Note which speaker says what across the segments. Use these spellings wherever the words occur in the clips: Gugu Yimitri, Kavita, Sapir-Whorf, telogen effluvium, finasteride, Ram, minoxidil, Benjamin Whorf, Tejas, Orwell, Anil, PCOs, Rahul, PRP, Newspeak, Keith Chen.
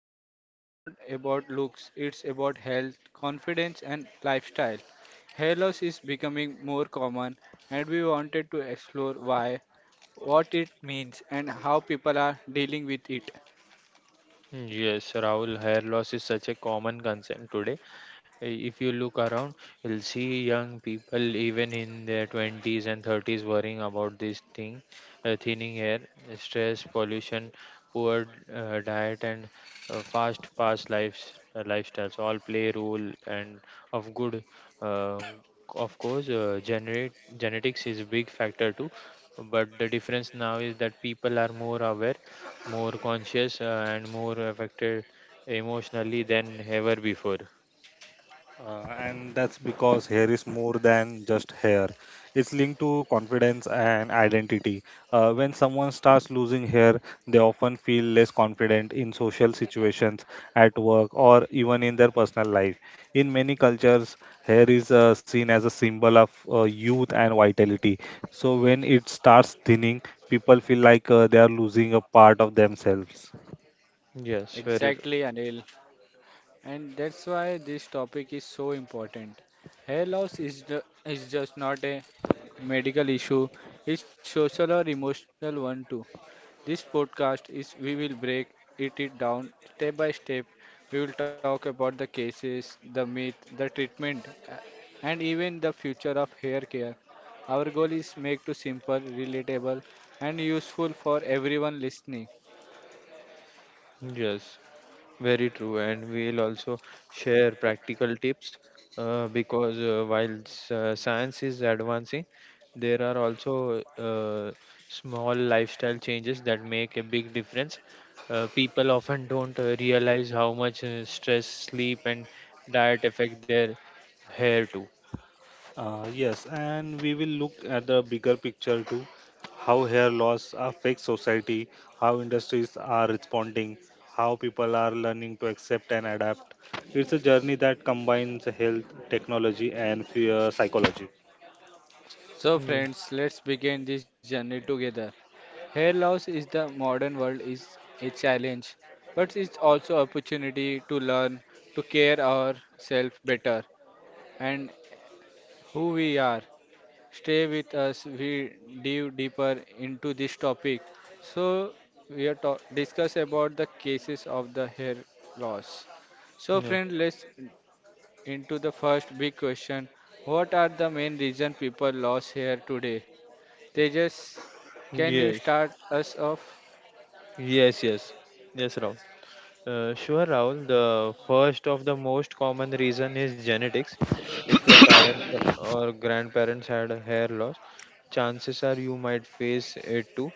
Speaker 1: it's just not about looks; it's about health, confidence, and lifestyle. Hair loss is becoming more common, and we wanted to explore why, what it means, and how people are dealing with it.
Speaker 2: Yes, Rahul, hair loss is such a common concern today. If you look around, you'll see young people, even in their 20s and 30s, worrying about this thing, thinning air, stress, pollution, poor, diet, and fast past lives, lifestyles all play a role. And of good, uh, of course, genetics is a big factor too. But the difference now is that people are more aware, more conscious, and more affected emotionally than ever before.
Speaker 3: And that's because hair is more than just hair. It's linked to confidence and identity. When someone starts losing hair, they often feel less confident in social situations, at work, or even in their personal life. In many cultures, hair is seen as a symbol of youth and vitality. So when it starts thinning, people feel like they are losing a part of themselves.
Speaker 2: Yes, very true.
Speaker 1: Exactly, Anil. And that's why this topic is so important. Hair loss is, just not a medical issue, it's social or emotional one too. This podcast is we will break it down step by step. We will talk about the cases, the myth, the treatment, and even the future of hair care. Our goal is make to simple, relatable, and useful for everyone listening.
Speaker 2: Yes, very true. And we'll also share practical tips, because science is advancing, there are also small lifestyle changes that make a big difference. People often don't realize how much stress, sleep, and diet affect their hair too.
Speaker 3: Yes, and we will look at the bigger picture too, how hair loss affects society, how industries are responding, how people are learning to accept and adapt. It's a journey that combines health, technology, and fear psychology.
Speaker 1: So
Speaker 2: Yes,
Speaker 1: friends, let's begin this journey together. Hair loss is the modern world is a challenge, but it's also opportunity to learn to care ourselves better and who we are. Stay with us. We dive deeper into this topic. So we are discuss about the cases of the hair loss. So
Speaker 2: yes,
Speaker 1: friend, let's into the first big question. What are the main reason people lose hair today? Tejas, can you start us off?
Speaker 2: yes, yes, yes, yes, Ram. Sure, Rahul. The first of the most common reason is genetics. If your parents or grandparents had a hair loss, chances are you might face it too.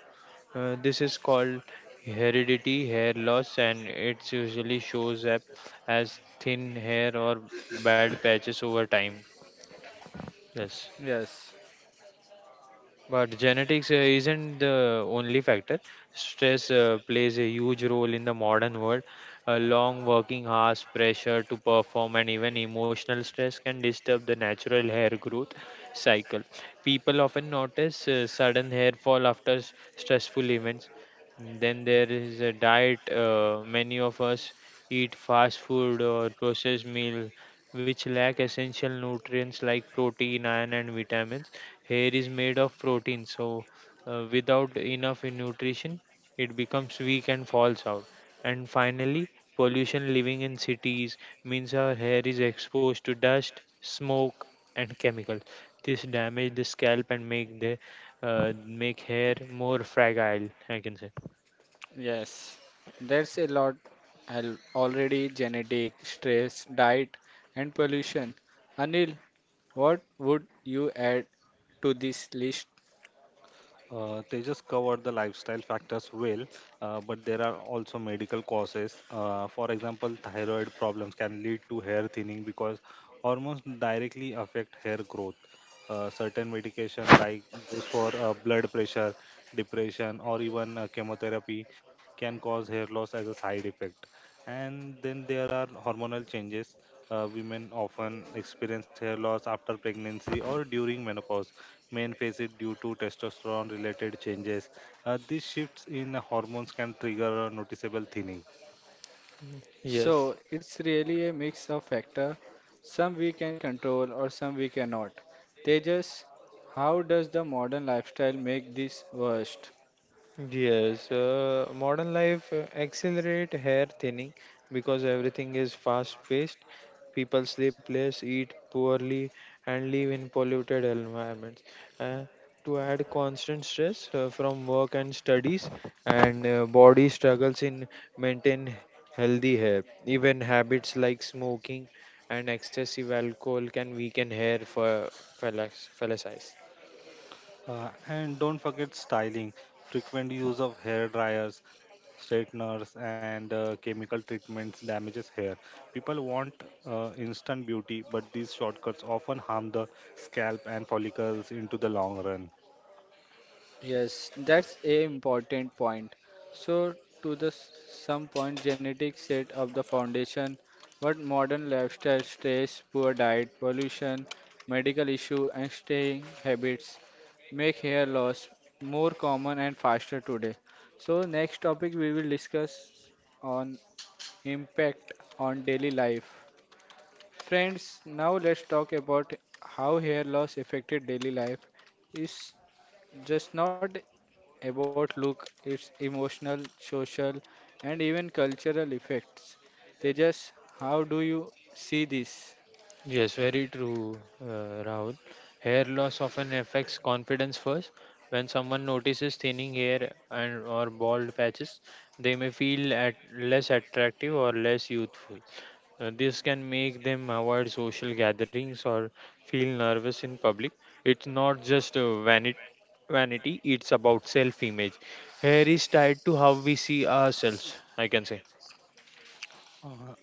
Speaker 2: This is called heredity hair loss, and it usually shows up as thin hair or bald patches over time. Yes.
Speaker 1: Yes,
Speaker 2: But genetics isn't the only factor. Stress plays a huge role in the modern world. Long working hours, pressure to perform, and even emotional stress can disturb the natural hair growth cycle. People often notice sudden hair fall after stressful events. Then there is a diet. Many of us eat fast food or processed meal, which lack essential nutrients like protein, iron, and vitamins. Hair is made of protein, so without enough nutrition, it becomes weak and falls out. And finally, pollution living in cities means our hair is exposed to dust, smoke, and chemicals. This damage the scalp and make hair more fragile, I can say.
Speaker 1: yes. There's a lot al- already genetic, stress, diet, and pollution. Anil, what would you add to this list?
Speaker 3: They just covered the lifestyle factors well, but there are also medical causes. For example, thyroid problems can lead to hair thinning because hormones directly affect hair growth. Certain medication, like those for blood pressure, depression, or even chemotherapy, can cause hair loss as a side effect. And then there are hormonal changes. Women often experience hair loss after pregnancy or during menopause, men face it due to testosterone related changes. These shifts in hormones can trigger a noticeable thinning.
Speaker 2: Mm, yes.
Speaker 1: So it's really a mix of factor. Some we can control or some we cannot. Tejas, how does the modern lifestyle make this worse?
Speaker 2: Yes, modern life accelerate hair thinning because everything is fast paced. People sleep less, eat poorly, and live in polluted environments. Uh, to add constant stress from work and studies, and body struggles in maintain healthy hair. Even habits like smoking and excessive alcohol can weaken hair for fellas.
Speaker 3: And don't forget styling. Frequent use of hair dryers, straighteners, and chemical treatments damages hair. People want instant beauty, but these shortcuts often harm the scalp and follicles into the long run.
Speaker 1: Yes, that's a important point. So, to the some point, genetics set up the foundation, but modern lifestyle, stress, poor diet, pollution, medical issue, and staying habits make hair loss more common and faster today. So, next topic we will discuss on impact on daily life. Friends, now let's talk about how hair loss affected daily life is just not about look, its emotional, social, and even cultural effects. Tejas, how do you see this?
Speaker 2: Yes, very true, Rahul. Hair loss often affects confidence first. When someone notices thinning hair and or bald patches, they may feel at less attractive or less youthful. This can make them avoid social gatherings or feel nervous in public. It's not just vanity, it's about self image. Hair is tied to how we see ourselves, I can say.
Speaker 3: Uh,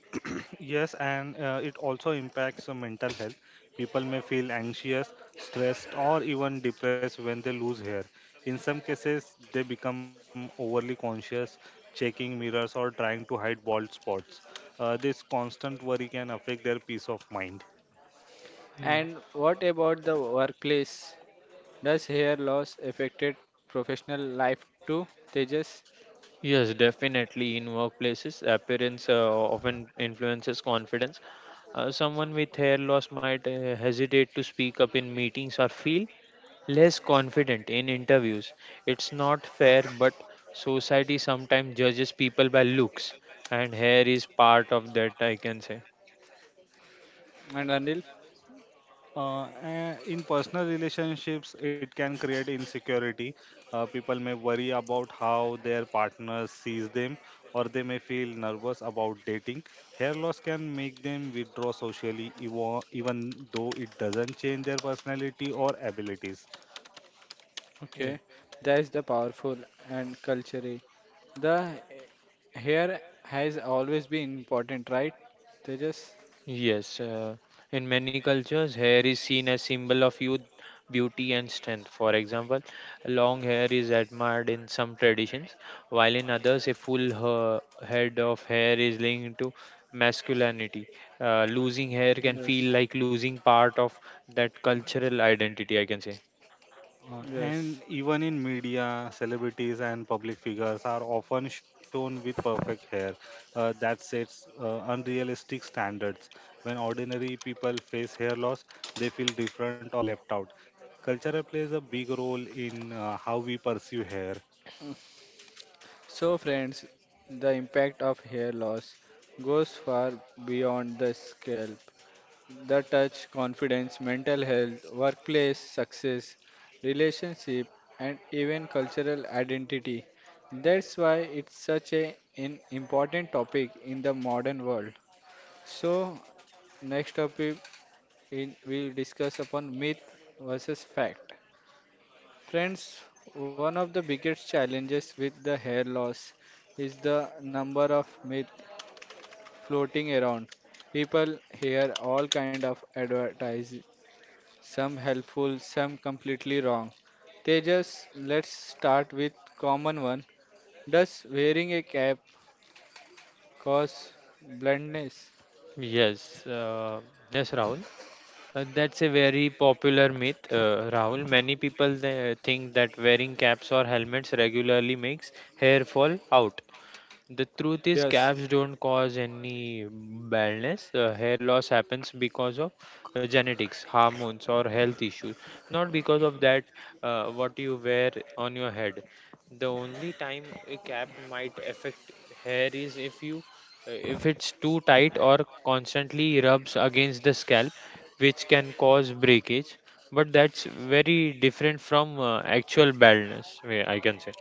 Speaker 3: Yes, and it also impacts mental health. People may feel anxious, stressed, or even depressed when they lose hair. In some cases, they become overly conscious, checking mirrors, or trying to hide bald spots. This constant worry can affect their peace of mind.
Speaker 1: And what about the workplace? Does hair loss affected professional life too? Tejas
Speaker 2: Yes, definitely. In workplaces, appearance often influences confidence. Someone with hair loss might hesitate to speak up in meetings or feel less confident in interviews. It's not fair, but society sometimes judges people by looks, and hair is part of that, I can say.
Speaker 1: and Anil?
Speaker 3: In personal relationships, it can create insecurity. People may worry about how their partner sees them, or they may feel nervous about dating. Hair loss can make them withdraw socially, even though it doesn't change their personality or abilities.
Speaker 1: Okay, that's the powerful and culturally. The hair has always been important, right? Tejas?
Speaker 2: Yes, in many cultures, hair is seen as symbol of youth, beauty, and strength. For example, long hair is admired in some traditions, while in others, a full head of hair is linked to masculinity. Losing hair can
Speaker 1: Yes.
Speaker 2: feel like losing part of that cultural identity, I can say.
Speaker 3: Uh,
Speaker 1: Yes.
Speaker 3: and even in media, celebrities and public figures are often shown with perfect hair that sets unrealistic standards. When ordinary people face hair loss, they feel different or left out. Culture plays a big role in how we perceive hair.
Speaker 1: So, friends, the impact of hair loss goes far beyond the scalp. The touch, confidence, mental health, workplace success, relationship, and even cultural identity. That's why it's such a, an important topic in the modern world. So, next topic in, we'll discuss upon myth versus fact. Friends, one of the biggest challenges with the hair loss is the number of myths floating around. People hear all kind of advertise, some helpful, some completely wrong. They just let's start with common one. Does wearing a cap cause blindness?
Speaker 2: Yes, yes, Rahul. That's a very popular myth, Rahul. Many people they think that wearing caps or helmets regularly makes hair fall out. The truth is,
Speaker 1: Yes.
Speaker 2: caps don't cause any baldness. Hair loss happens because of genetics, hormones, or health issues, not because of that, what you wear on your head. The only time a cap might affect hair is if it's too tight or constantly rubs against the scalp, which can cause breakage. But that's very different from actual baldness. I can say.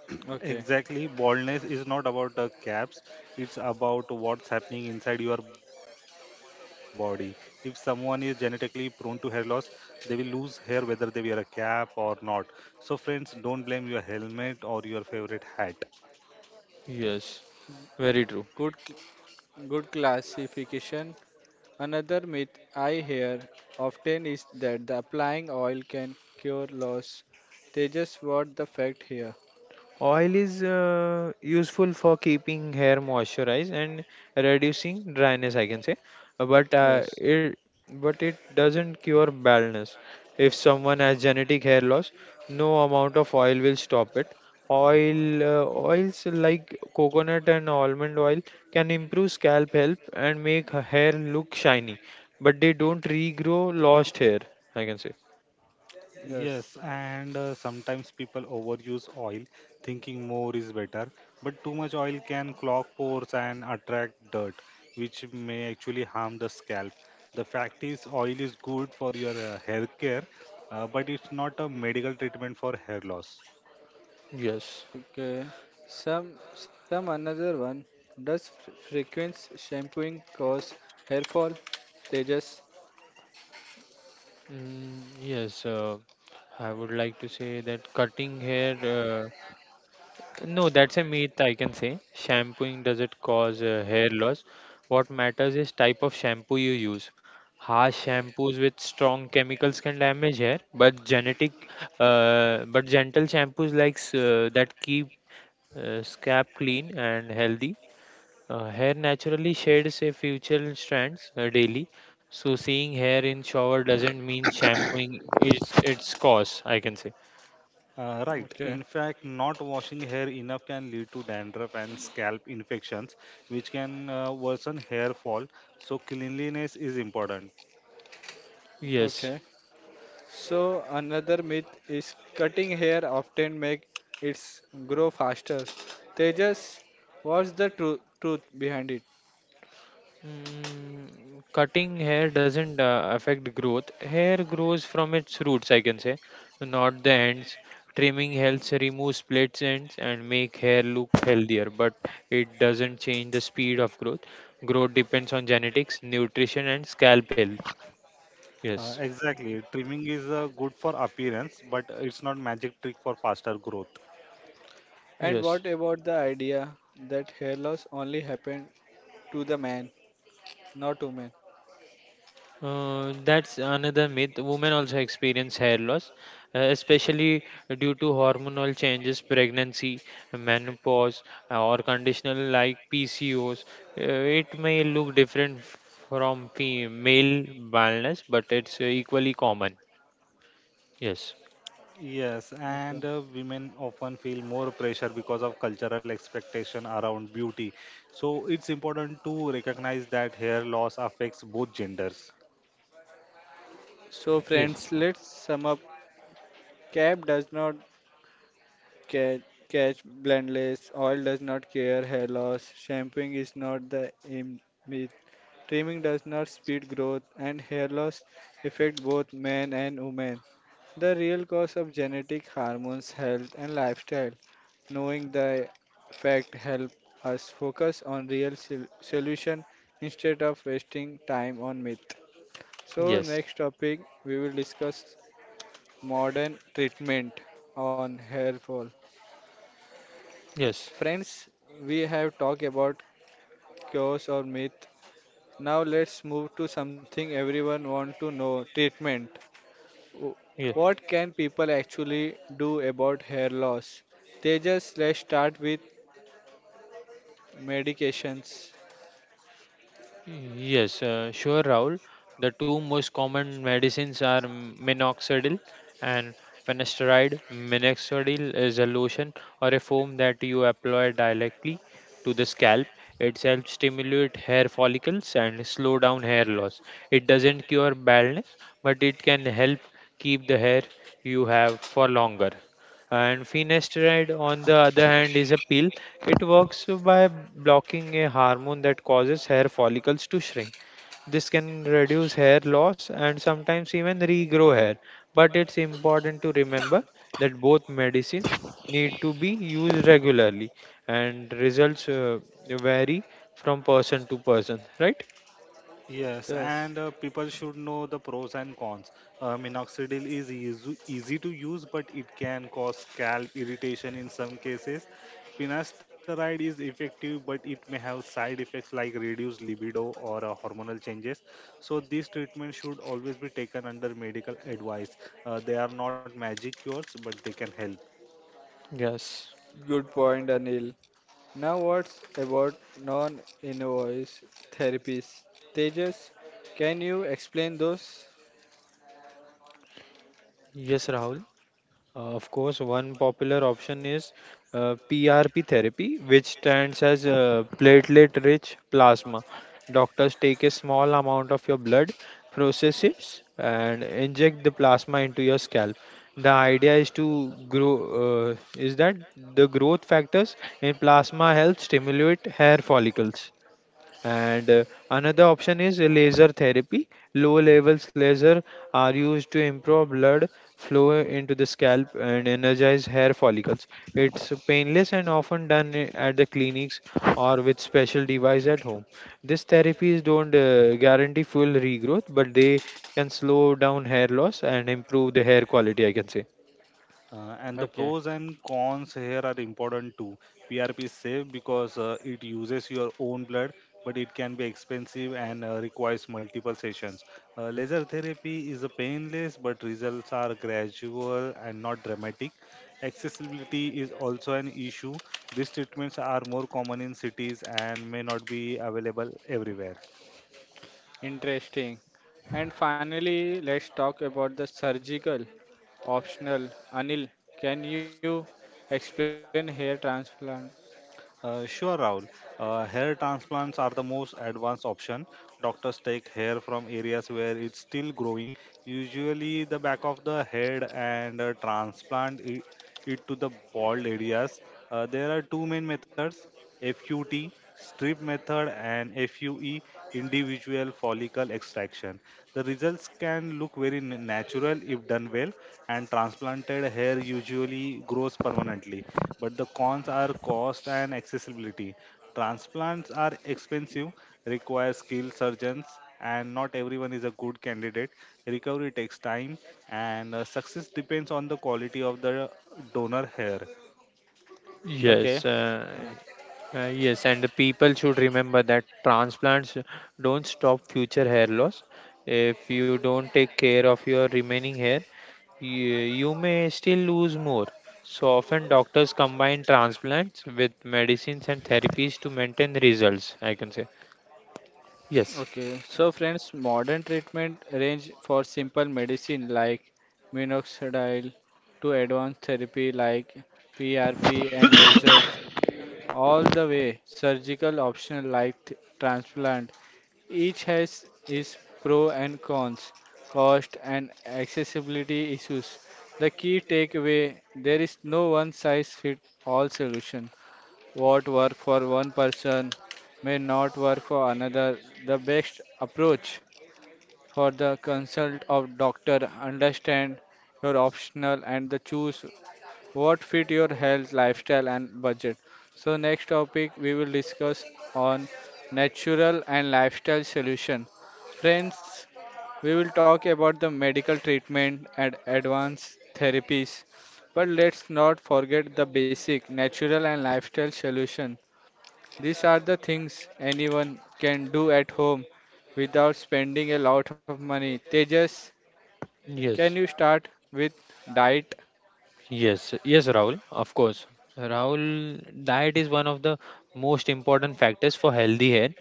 Speaker 1: Okay.
Speaker 3: Exactly, baldness is not about the caps, it's about what's happening inside your body. If someone is genetically prone to hair loss, they will lose hair whether they wear a cap or not. So, friends, don't blame your helmet or your favorite hat.
Speaker 2: Yes, very true.
Speaker 1: Good, c- Good classification. Another myth I hear often is that the applying oil can cure loss. They just what the fact here.
Speaker 2: Oil is useful for keeping hair moisturized and reducing dryness, I can say. Uh, But uh,
Speaker 1: Yes,
Speaker 2: it but it doesn't cure baldness. If someone has genetic hair loss, no amount of oil will stop it. Oils like coconut and almond oil can improve scalp health and make hair look shiny, but they don't regrow lost hair, I can say.
Speaker 3: Yes,
Speaker 1: yes,
Speaker 3: and sometimes people overuse oil, thinking more is better. But too much oil can clog pores and attract dirt, which may actually harm the scalp. The fact is, oil is good for your hair care, but it's not a medical treatment for hair loss.
Speaker 2: Yes.
Speaker 1: okay. Some another one. Does frequent shampooing cause hair fall? Tejas.
Speaker 2: Mm, yes, I would like to say that cutting hair, no, that's a myth, I can say. Shampooing doesn't cause hair loss. What matters is type of shampoo you use. Harsh shampoos with strong chemicals can damage hair, but gentle shampoos that keep scalp clean and healthy. Hair naturally sheds a future strands daily, so seeing hair in shower doesn't mean shampooing its cause, I can say.
Speaker 3: Right.
Speaker 1: Okay,
Speaker 3: In fact, not washing hair enough can lead to dandruff and scalp infections, which can worsen hair fall. So, cleanliness is important.
Speaker 2: Yes.
Speaker 1: okay. So another myth is cutting hair often make it grow faster. Tejas, what's the truth behind it?
Speaker 2: Mm, cutting hair doesn't affect growth. Hair grows from its roots, I can say, not the ends. Trimming helps remove split ends and make hair look healthier, but it doesn't change the speed of growth. Growth depends on genetics, nutrition, and scalp health.
Speaker 3: Uh,
Speaker 2: Yes.
Speaker 3: exactly. Trimming is good for appearance, but it's not magic trick for faster growth.
Speaker 1: And
Speaker 2: Yes.
Speaker 1: what about the idea that hair loss only happened to the man, not women?
Speaker 2: That's another myth. Women also experience hair loss, especially due to hormonal changes, pregnancy, menopause, or conditional like PCOs. Uh, it may look different from male baldness, but it's equally common. Yes,
Speaker 3: Yes,
Speaker 1: Okay.
Speaker 3: and women often feel more pressure because of cultural expectation around beauty. So it's important to recognize that hair loss affects both genders.
Speaker 1: So
Speaker 2: yes,
Speaker 1: friends, let's sum up. Cap does not ca- catch blendless, oil does not care hair loss, shampooing is not the aim myth, trimming does not speed growth, and hair loss affect both men and women. The real cause of genetic hormones, health, and lifestyle. Knowing the fact help us focus on real solution instead of wasting time on myth. So
Speaker 2: yes,
Speaker 1: next topic we will discuss modern treatment on hair fall.
Speaker 2: yes,
Speaker 1: Friends, we have talked about cures or myth. Now let's move to something everyone want to know, treatment. W-
Speaker 2: yes.
Speaker 1: What can people actually do about hair loss? Tejas, let's start with medications.
Speaker 2: Yes, sure, Rahul. The two most common medicines are minoxidil and finasteride. Minoxidil is a lotion or a foam that you apply directly to the scalp. It helps stimulate hair follicles and slow down hair loss. It doesn't cure baldness, but it can help keep the hair you have for longer. And finasteride, on the other hand, is a pill. It works by blocking a hormone that causes hair follicles to shrink. This can reduce hair loss and sometimes even regrow hair. But it's important to remember that both medicines need to be used regularly, and results vary from person to person, right?
Speaker 3: Yes,
Speaker 1: Yes,
Speaker 3: and people should know the pros and cons. Minoxidil is easy to use, but it can cause scalp irritation in some cases. Finasteride is effective, but it may have side effects like reduced libido or hormonal changes. So, these treatments should always be taken under medical advice. They are not magic cures, but they can help.
Speaker 2: Yes.
Speaker 1: good point, Anil. Now, what's about non invasive therapies? Tejas, can you explain those?
Speaker 2: Yes, Rahul. Of course, one popular option is PRP therapy, which stands as platelet rich plasma. Doctors take a small amount of your blood, process it, and inject the plasma into your scalp. The idea is that the growth factors in plasma help stimulate hair follicles. And another option is laser therapy. Low levels laser are used to improve blood flow into the scalp and energize hair follicles. It's painless and often done at the clinics or with special device at home. These therapies don't guarantee full regrowth, but they can slow down hair loss and improve the hair quality, I can say.
Speaker 3: And the
Speaker 1: Okay,
Speaker 3: pros and cons here are important too. PRP is safe because it uses your own blood, but it can be expensive and requires multiple sessions. Laser therapy is a painless, but results are gradual and not dramatic. Accessibility is also an issue. These treatments are more common in cities and may not be available everywhere.
Speaker 1: interesting. And finally, let's talk about the surgical optional. Anil, can you explain hair transplant?
Speaker 3: Sure, Rahul. Hair transplants are the most advanced option. Doctors take hair from areas where it's still growing, usually the back of the head, and transplant it to the bald areas. There are two main methods: FUT, strip method, and FUE, individual follicle extraction. The results can look very natural if done well, and transplanted hair usually grows permanently, but the cons are cost and accessibility. Transplants are expensive, require skilled surgeons, and not everyone is a good candidate. Recovery takes time, and success depends on the quality of the donor hair.
Speaker 2: Yes,
Speaker 1: Okay. uh,
Speaker 2: Yes, and the people should remember that transplants don't stop future hair loss. If you don't take care of your remaining hair, you may still lose more. So often, doctors combine transplants with medicines and therapies to maintain results, I can say. Yes.
Speaker 1: Okay, so friends, modern treatment range for simple medicine like minoxidil to advanced therapy like PRP and lasers, all the way surgical option like transplant. Each has its pro and cons, cost and accessibility issues. The key takeaway, there is no one size fit all solution. What work for one person may not work for another. The best approach for the consult of doctor understand your optional and the choose what fit your health lifestyle and budget. So next topic we will discuss on natural and lifestyle solution. Friends, we will talk about the medical treatment and advanced therapies but let's not forget the basic natural and lifestyle solution these are the things anyone can do at home without spending a lot of money. Tejas, can
Speaker 2: Yes.
Speaker 1: you start with diet?
Speaker 2: Yes, yes, Rahul, of course. Rahul, diet is one of the most important factors for healthy hair.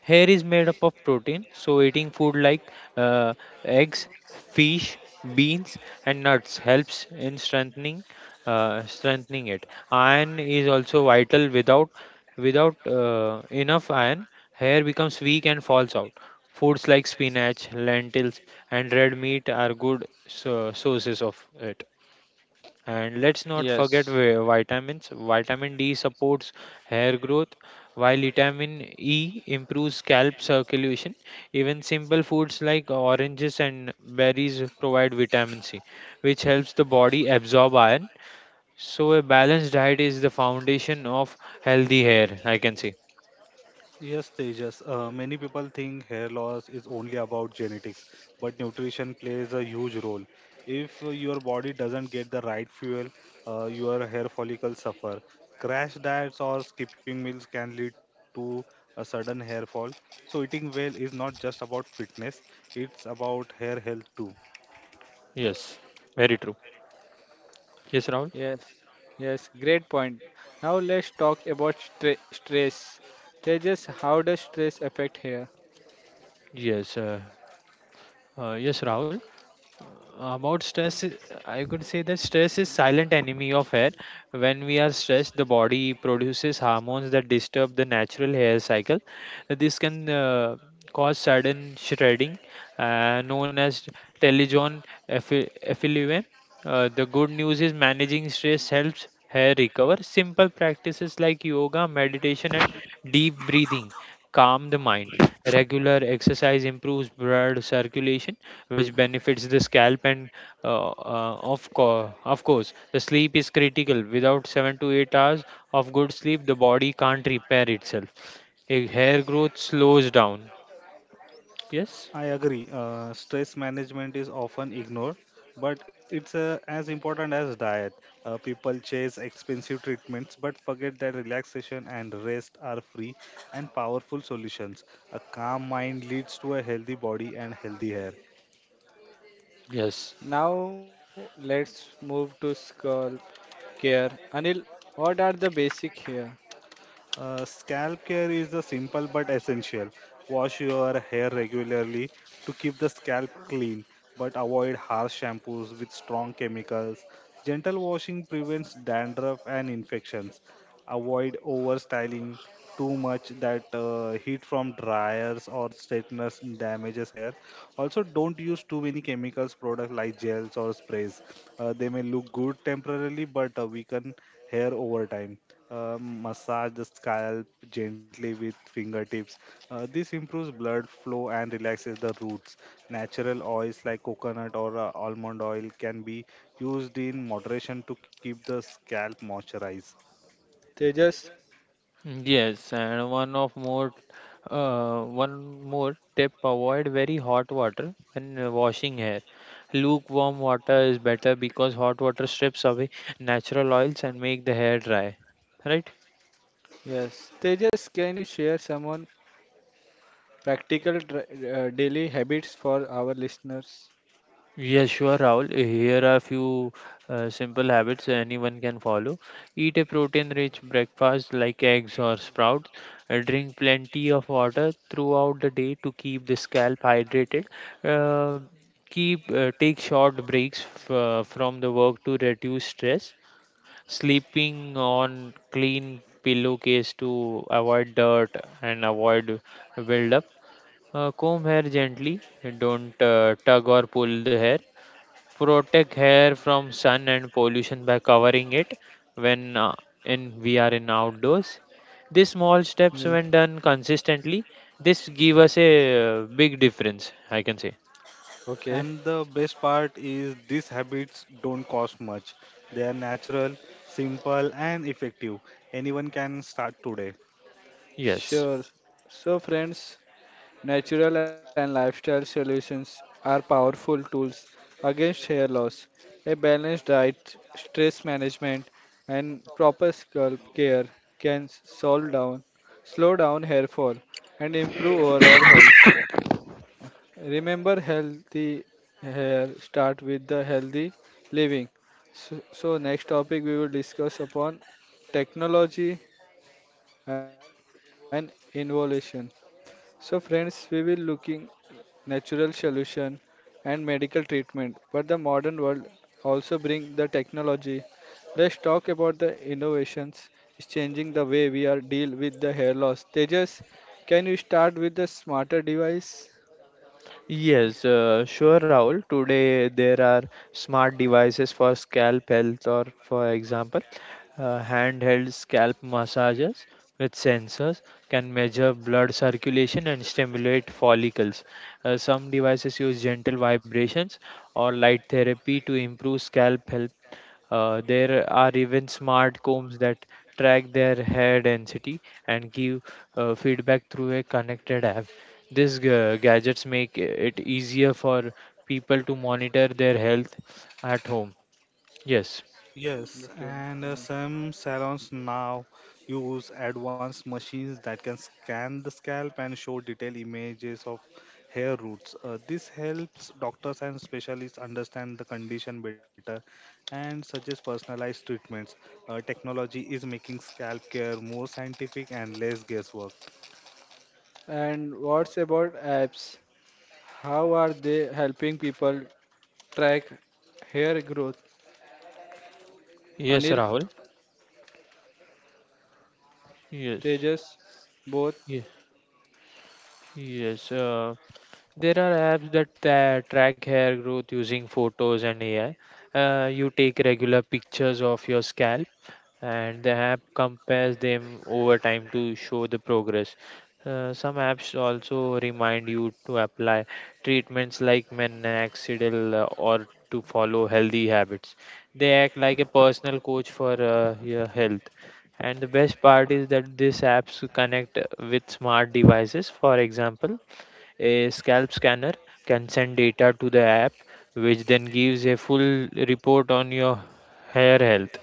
Speaker 2: Hair is made up of protein, so eating food like eggs, fish, beans, and nuts helps in strengthening it. Iron is also vital. Without without enough iron, hair becomes weak and falls out. Foods like spinach, lentils, and red meat are good sources of it. And let's not forget vitamins. Vitamin D supports hair growth, while vitamin E improves scalp circulation. Even simple foods like oranges and berries provide vitamin C, which helps the body absorb iron. So, a balanced diet is the foundation of healthy hair, I can say.
Speaker 3: Yes, Tejas. Many people think hair loss is only about genetics, but nutrition plays a huge role. If your body doesn't get the right fuel, your hair follicles suffer. Crash diets or skipping meals can lead to a sudden hair fall. So, eating well is not just about fitness, it's about hair health too.
Speaker 2: Yes, very true. Yes, Rahul?
Speaker 1: Yes, yes, great point. Now let's talk about stress. Tejas, how does stress affect hair?
Speaker 2: Yes, yes, Rahul. About stress, I could say that stress is silent enemy of hair. When we are stressed, the body produces hormones that disturb the natural hair cycle. This can cause sudden shredding, known as telogen effi- effluvium. The good news is managing stress helps hair recover. Simple practices like yoga, meditation, and deep breathing calm the mind. Regular exercise improves blood circulation, which benefits the scalp, and of course, the sleep is critical. Without 7 to 8 hours of good sleep, the body can't repair itself. A hair growth slows down. Yes.
Speaker 3: I agree. Stress management is often ignored, but it's as important as diet. People chase expensive treatments but forget that relaxation and rest are free and powerful solutions. A calm mind leads to a healthy body and healthy hair.
Speaker 2: Yes,
Speaker 1: Now let's move to scalp care. Anil, what are the basic here?
Speaker 3: Scalp care is a simple but essential. Wash your hair regularly to keep the scalp clean, but avoid harsh shampoos with strong chemicals. Gentle washing prevents dandruff and infections. Avoid overstyling too much, that heat from dryers or straighteners damages hair. Also, don't use too many chemicals products like gels or sprays. They may look good temporarily but weaken hair over time. Massage the scalp gently with fingertips. This improves blood flow and relaxes the roots. Natural oils like coconut or almond oil can be used in moderation to keep the scalp moisturized.
Speaker 1: Tejas,
Speaker 2: yes, and one more tip: avoid very hot water when washing hair. Lukewarm water is better because hot water strips away natural oils and make the hair dry, right?
Speaker 1: yes. Tejas, can you share some on practical daily habits for our listeners?
Speaker 2: Yes, sure, Rahul. Here are a few simple habits anyone can follow. Eat a protein-rich breakfast like eggs or sprouts. Drink plenty of water throughout the day to keep the scalp hydrated. Uh, keep Take short breaks from the work to reduce stress. Sleeping on clean pillowcase to avoid dirt and avoid buildup. Comb hair gently. Don't tug or pull the hair. Protect hair from sun and pollution by covering it when in we are in outdoors. These small steps, when done consistently, this give us a big difference, I can say.
Speaker 1: Okay,
Speaker 3: And the best part is these habits don't cost much. They are natural, simple, and effective. Anyone can start today.
Speaker 2: Yes.
Speaker 1: sure. So, friends, natural and lifestyle solutions are powerful tools against hair loss. A balanced diet, stress management, and proper scalp care can solve down, slow down hair fall, and improve overall health. Remember, healthy hair start with the healthy living. So next topic we will discuss upon technology and innovation. So friends, we will looking natural solution and medical treatment, but the modern world also bring the technology. Let's talk about the innovations is changing the way we are deal with the hair loss. Tejas, can you start with the smarter device?
Speaker 2: Yes, sure, Rahul. Today there are smart devices for scalp health, or for example, handheld scalp massagers with sensors can measure blood circulation and stimulate follicles. Some devices use gentle vibrations or light therapy to improve scalp health. There are even smart combs that track their hair density and give feedback through a connected app. These gadgets make it easier for people to monitor their health at home. Yes.
Speaker 3: Yes,
Speaker 1: Okay.
Speaker 3: and some salons now use advanced machines that can scan the scalp and show detailed images of hair roots. This helps doctors and specialists understand the condition better and suggest personalized treatments. Technology is making scalp care more scientific and less guesswork.
Speaker 1: And what's about apps? How are they helping people track hair growth?
Speaker 2: Yes,
Speaker 1: Anil,
Speaker 2: Rahul. Yes.
Speaker 1: Tejas, both.
Speaker 2: Yes. Yes. There are apps that track hair growth using photos and AI. You take regular pictures of your scalp, and the app compares them over time to show the progress. Some apps also remind you to apply treatments like minoxidil or to follow healthy habits. They act like a personal coach for your health. And the best part is that these apps connect with smart devices. For example, a scalp scanner can send data to the app, which then gives a full report on your hair health.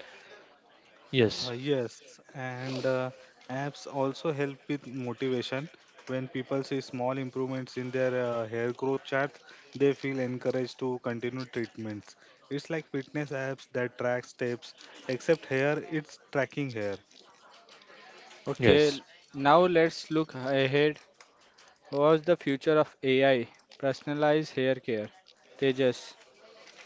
Speaker 3: Uh,
Speaker 2: Yes.
Speaker 3: yes, and apps also help with motivation. When people see small improvements in their hair growth chart, they feel encouraged to continue treatments. It's like fitness apps that track steps, except hair, it's tracking hair.
Speaker 1: Okay,
Speaker 2: Yes,
Speaker 1: now let's look ahead. What's the future of AI? Personalized hair care. Tejas.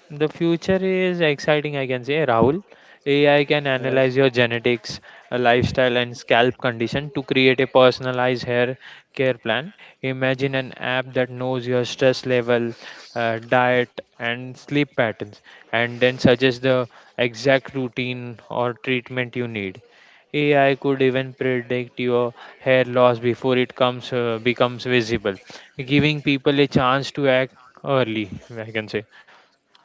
Speaker 2: the future is exciting, I can say, Rahul. AI can analyze your genetics, lifestyle, and scalp condition to create a personalized hair care plan. Imagine an app that knows your stress level, diet, and sleep patterns, and then suggests the exact routine or treatment you need. AI could even predict your hair loss before it comes becomes visible, giving people a chance to act early, I can say.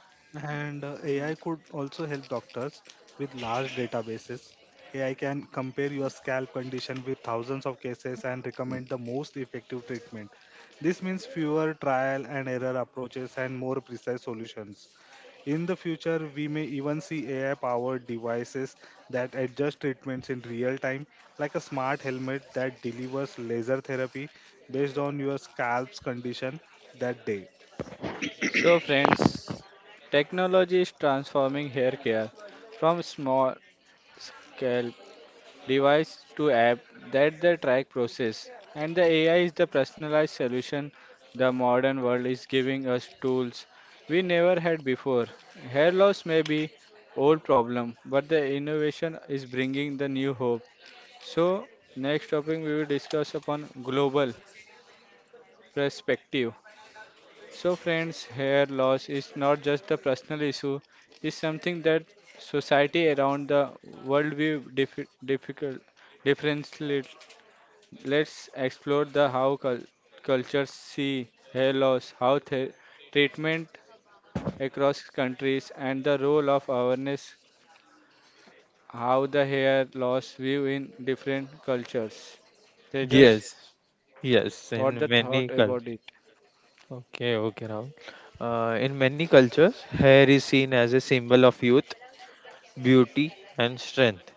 Speaker 3: And AI could also help doctors with large databases. AI can compare your scalp condition with thousands of cases and recommend the most effective treatment. This means fewer trial and error approaches and more precise solutions. In the future, we may even see AI powered devices that adjust treatments in real time, like a smart helmet that delivers laser therapy based on your scalp's condition that day.
Speaker 1: So, friends, technology is transforming hair care from small scale device to app that the track process and the AI is the personalized solution the modern world is giving us tools we never had before. Hair loss may be old problem, but the innovation is bringing the new hope. So next topic we will discuss upon global. Perspective. So, friends, hair loss is not just the personal issue, it's something that society around the world view difficult differently. Let's explore the how cultures see hair loss, how the treatment across countries, and the role of awareness, how the hair loss view in different cultures. They just
Speaker 2: Yes,
Speaker 1: what the
Speaker 2: yes,
Speaker 1: thought
Speaker 2: in
Speaker 1: about
Speaker 2: many
Speaker 1: it?
Speaker 2: cultures. Okay, okay, Rahul. In many cultures, hair is seen as a symbol of youth, beauty, and strength.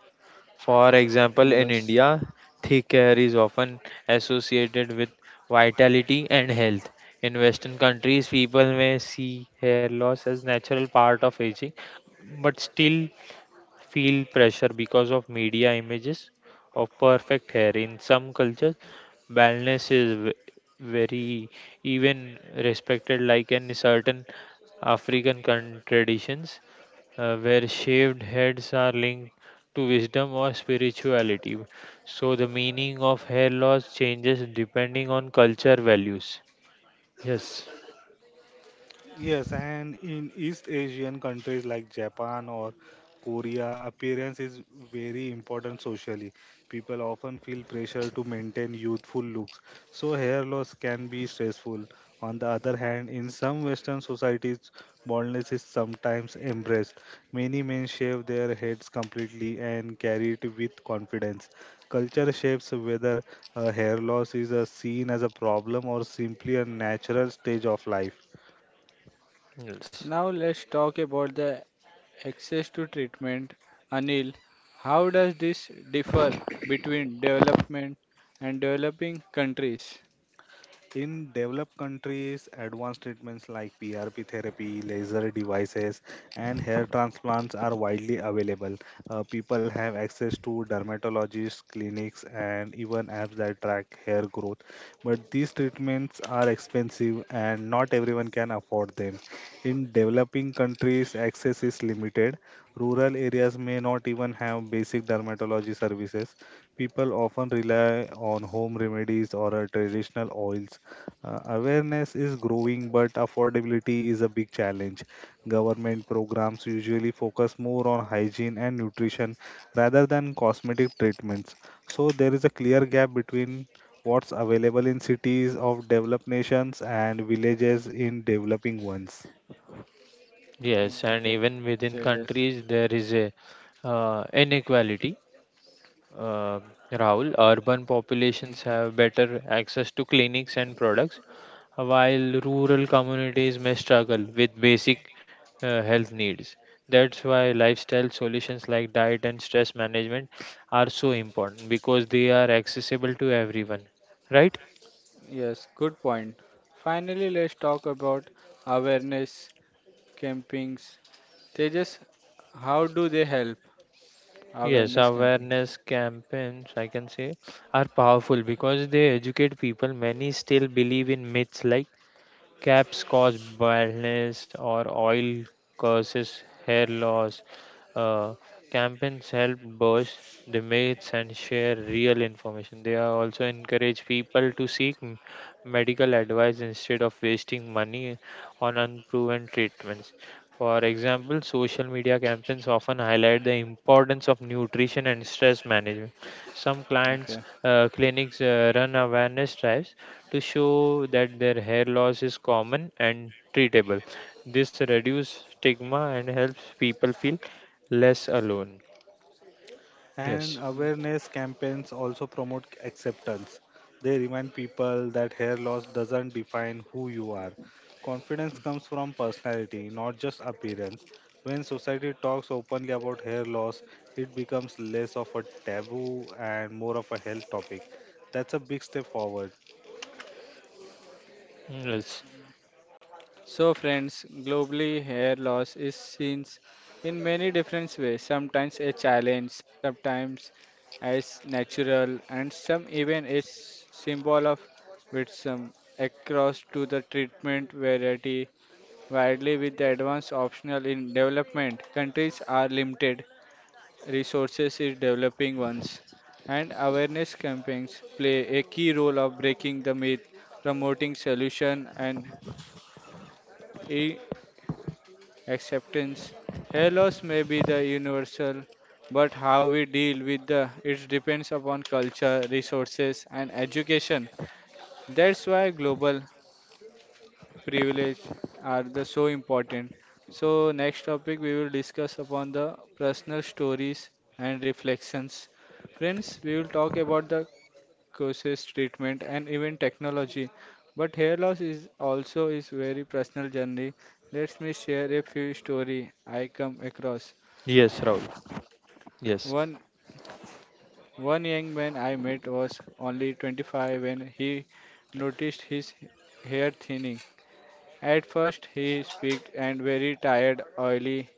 Speaker 2: For example, in
Speaker 1: Yes.
Speaker 2: India, thick hair is often associated with vitality and health. In Western countries, people may see hair loss as natural part of aging, but still feel pressure because of media images of perfect hair. In some cultures, baldness is very even respected, like in certain African traditions where shaved heads are linked to wisdom or spirituality. So the meaning of hair loss changes depending on culture values. Yes.
Speaker 3: Yes, and in East Asian countries like Japan or Korea, appearance is very important socially. People often feel pressure to maintain youthful looks, so hair loss can be stressful. On the other hand, in some Western societies, baldness is sometimes embraced. Many men shave their heads completely and carry it with confidence. Culture shapes whether hair loss is seen as a problem or simply a natural stage of life.
Speaker 2: Yes.
Speaker 1: Now let's talk about the Access to treatment. Anil, how does this differ between development and developing countries?
Speaker 3: In developed countries, advanced treatments like PRP therapy, laser devices, and hair transplants are widely available. People have access to dermatologists, clinics, and even apps that track hair growth. But these treatments are expensive and not everyone can afford them. In developing countries, access is limited. Rural areas may not even have basic dermatology services. People often rely on home remedies or traditional oils. Awareness is growing, but affordability is a big challenge. Government programs usually focus more on hygiene and nutrition rather than cosmetic treatments. So there is a clear gap between what's available in cities of developed nations and villages in developing ones.
Speaker 2: Yes,
Speaker 1: Okay,
Speaker 2: and even within
Speaker 1: Tejas.
Speaker 2: countries there is a inequality. Uh, Rahul, urban populations
Speaker 1: Okay.
Speaker 2: have better access to clinics and products, while rural communities may struggle with basic health needs. That's why lifestyle solutions like diet and stress management are so important because they are accessible to everyone, right?
Speaker 1: Yes, good point. Finally, let's talk about awareness campings. Tejas, how do they help?
Speaker 2: Yes,
Speaker 1: Awareness campings.
Speaker 2: awareness campaigns, I can say, are powerful because they educate people. Many still believe in myths like caps cause baldness or oil causes hair loss. Uh, campaigns help burst the myths and share real information. They are also encourage people to seek medical advice instead of wasting money on unproven treatments. For example, social media campaigns often highlight the importance of nutrition and stress management. Some
Speaker 1: Okay.
Speaker 2: clinics run awareness drives to show that their hair loss is common and treatable. This reduces stigma and helps people feel less alone.
Speaker 3: And
Speaker 2: Yes.
Speaker 3: awareness campaigns also promote acceptance. They remind people that hair loss doesn't define who you are. Confidence comes from personality, not just appearance. When society talks openly about hair loss, it becomes less of a taboo and more of a health topic. That's a big step forward.
Speaker 2: Yes.
Speaker 1: So, friends, globally, hair loss is seen in many different ways. Sometimes a challenge, sometimes as natural, and some even a symbol of wisdom. Across to the treatment variety widely with the advanced optional in development countries are limited resources in developing ones and awareness campaigns play a key role of breaking the myth promoting solution and acceptance. Hair loss may be the universal, but how we deal with the it depends upon culture, resources, and education. That's why global privilege are the so important. So next topic we will discuss upon the personal stories and reflections. Friends, we will talk about the causes, treatment, and even technology. But hair loss is also is very personal journey. Let me share a few story I come across.
Speaker 2: Yes, Raul. Yes.
Speaker 1: One one young man I met was only 25 when he noticed his hair thinning. At first he speaked and very tired, oily,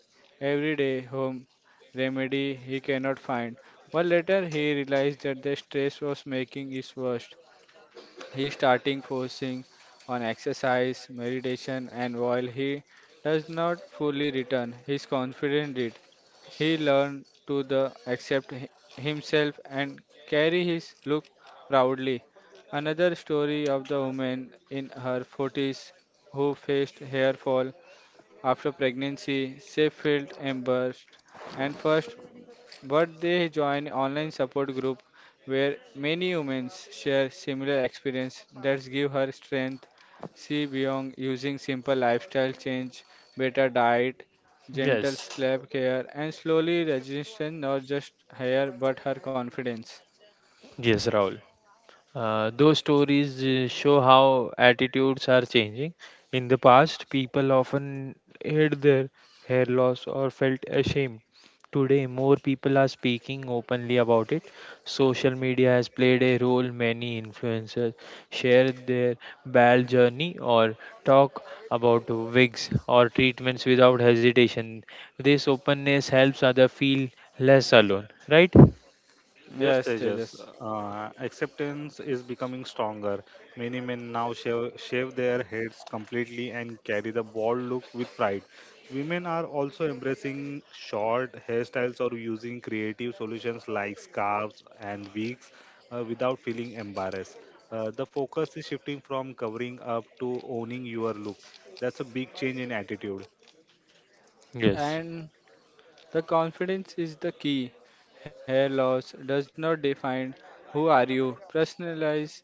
Speaker 1: everyday home remedy he cannot find. But later he realized that the stress was making it worse. He starting focusing on exercise, meditation, and while he does not fully return his confidence, it he learned to the accept himself and carry his look proudly. Another story of the woman in her 40s who faced hair fall after pregnancy, she felt embarrassed and first but they join online support group where many women share similar experience that give her strength. She beyond using simple lifestyle change, better diet, gentle
Speaker 2: Yes.
Speaker 1: sleep care, and slowly resistance not just her but her confidence.
Speaker 2: Yes, Raul. Those stories show how attitudes are changing. In the past, people often hid their hair loss or felt ashamed. Today, more people are speaking openly about it. Social media has played a role. Many influencers share their bad journey or talk about wigs or treatments without hesitation. This openness helps others feel less alone, right?
Speaker 3: Yes,
Speaker 1: Yes,
Speaker 3: Tejas.
Speaker 1: Tejas.
Speaker 3: Acceptance is becoming stronger. Many men now shave their heads completely and carry the bald look with pride. Women are also embracing short hairstyles or using creative solutions like scarves and wigs without feeling embarrassed. The focus is shifting from covering up to owning your look. That's a big change in attitude.
Speaker 2: Yes.
Speaker 1: And the confidence is the key. Hair loss does not define who are you. Personalize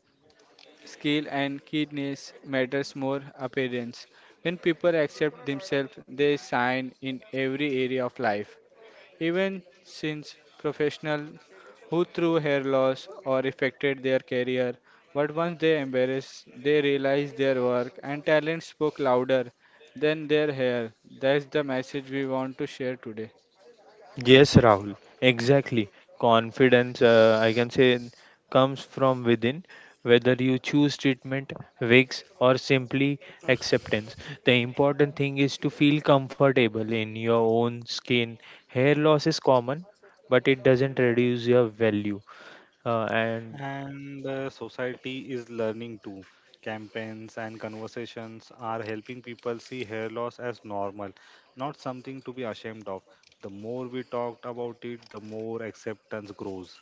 Speaker 1: Skill and keenness matters more appearance. When people accept themselves, they shine in every area of life. Even since professional who through hair loss or affected their career, but once they embarrassed, they realized their work and talent spoke louder than their hair. That's the message we want to share today.
Speaker 2: Yes, Rahul, exactly. Confidence, I can say, comes from within, whether you choose treatment, wigs, or simply acceptance. The important thing is to feel comfortable in your own skin. Hair loss is common, but it doesn't reduce your value. And
Speaker 3: And the society is learning too. Campaigns and conversations are helping people see hair loss as normal, not something to be ashamed of. The more we talked about it, the more acceptance grows.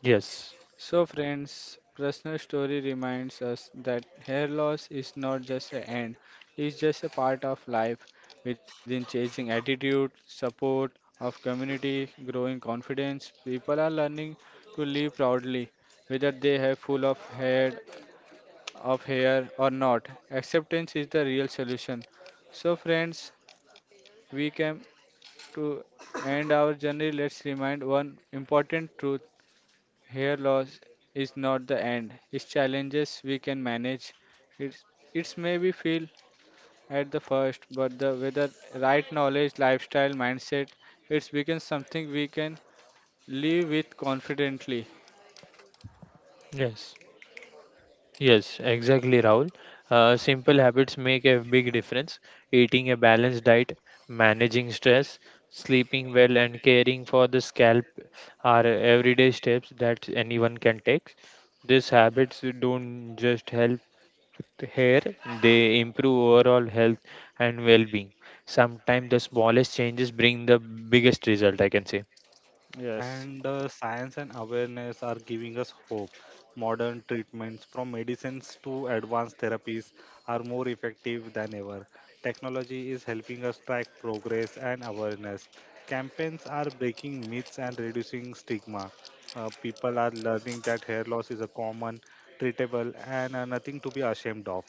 Speaker 2: yes,
Speaker 1: So, friends, personal story reminds us that hair loss is not just an end, it's just a part of life within changing attitude, support of community, growing confidence. People are learning to live proudly, whether they have full of head of hair or not. Acceptance is the real solution. So, friends, we came to end our journey. Let's remind one important truth Hair loss is not the end. It's challenges we can manage. It's it's maybe feel at the first, but the with the right knowledge, lifestyle, mindset, it's becomes something we can live with confidently.
Speaker 2: yes. Yes, exactly, Rahul. Simple habits make a big difference. Eating a balanced diet, managing stress, sleeping well, and caring for the scalp are everyday steps that anyone can take. These habits don't just help with hair, they improve overall health and well being. Sometimes the smallest changes bring the biggest result, I can say.
Speaker 3: And science and awareness are giving us hope. Modern treatments, from medicines to advanced therapies, are more effective than ever. Technology is helping us track progress and awareness. Campaigns are breaking myths and reducing stigma. People are learning that hair loss is a common, treatable, and nothing to be ashamed of.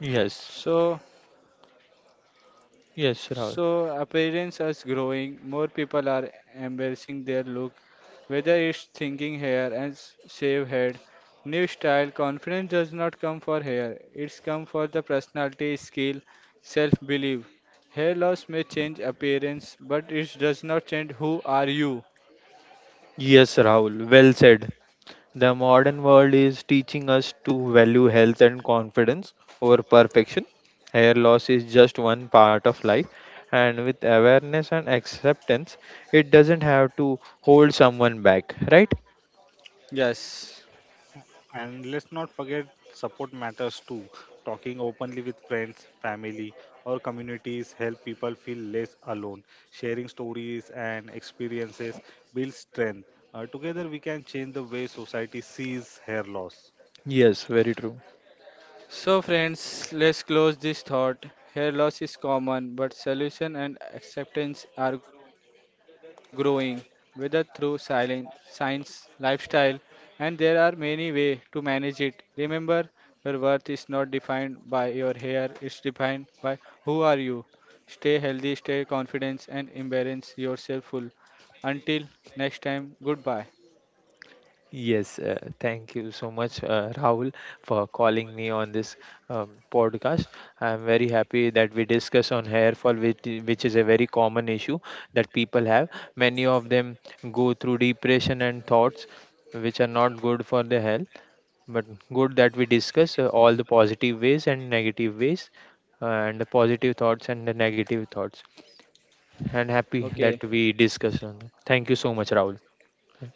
Speaker 2: Yes,
Speaker 1: So
Speaker 2: yes, Rahul.
Speaker 1: so appearance is growing. More people are embracing their look Whether it's thinking hair and shave head, new style, confidence does not come for hair. It's come for the personality, skill, self-belief. Hair loss may change appearance, but it does not change who are you.
Speaker 2: Yes, Rahul. Well said. The modern world is teaching us to value health and confidence over perfection. Hair loss is just one part of life, and with awareness and acceptance, it doesn't have to hold someone back, right?
Speaker 1: Yes.
Speaker 3: And let's not forget support matters too. Talking openly with friends, family, or communities help people feel less alone. Sharing stories and experiences builds strength. Together we can change the way society sees hair loss.
Speaker 2: Yes, very true.
Speaker 1: So friends, let's close this thought. Hair loss is common, but solution and acceptance are growing, whether through silence, science, lifestyle, and there are many ways to manage it. Remember, your worth is not defined by your hair; it's defined by who are you. Stay healthy, stay confident, and embrace yourself full. Until next time, goodbye.
Speaker 2: Yes, thank you so much, Rahul, for calling me on this podcast. I am very happy that we discuss on hair fall, which is a very common issue that people have. Many of them go through depression and thoughts which are not good for their health, but good that we discuss all the positive ways and negative ways, and the positive thoughts and the negative thoughts. And happy
Speaker 1: Okay,
Speaker 2: that we discussed on that. Thank you so much, Rahul.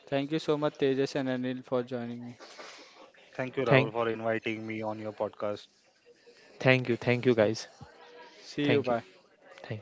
Speaker 1: thank you so much, Tejas and Anil, for joining me.
Speaker 3: Thank you Rahul
Speaker 2: Thank,
Speaker 3: for inviting me on your podcast.
Speaker 2: thank you, guys.
Speaker 1: See you.
Speaker 2: Thank you.
Speaker 1: Bye.
Speaker 2: Thing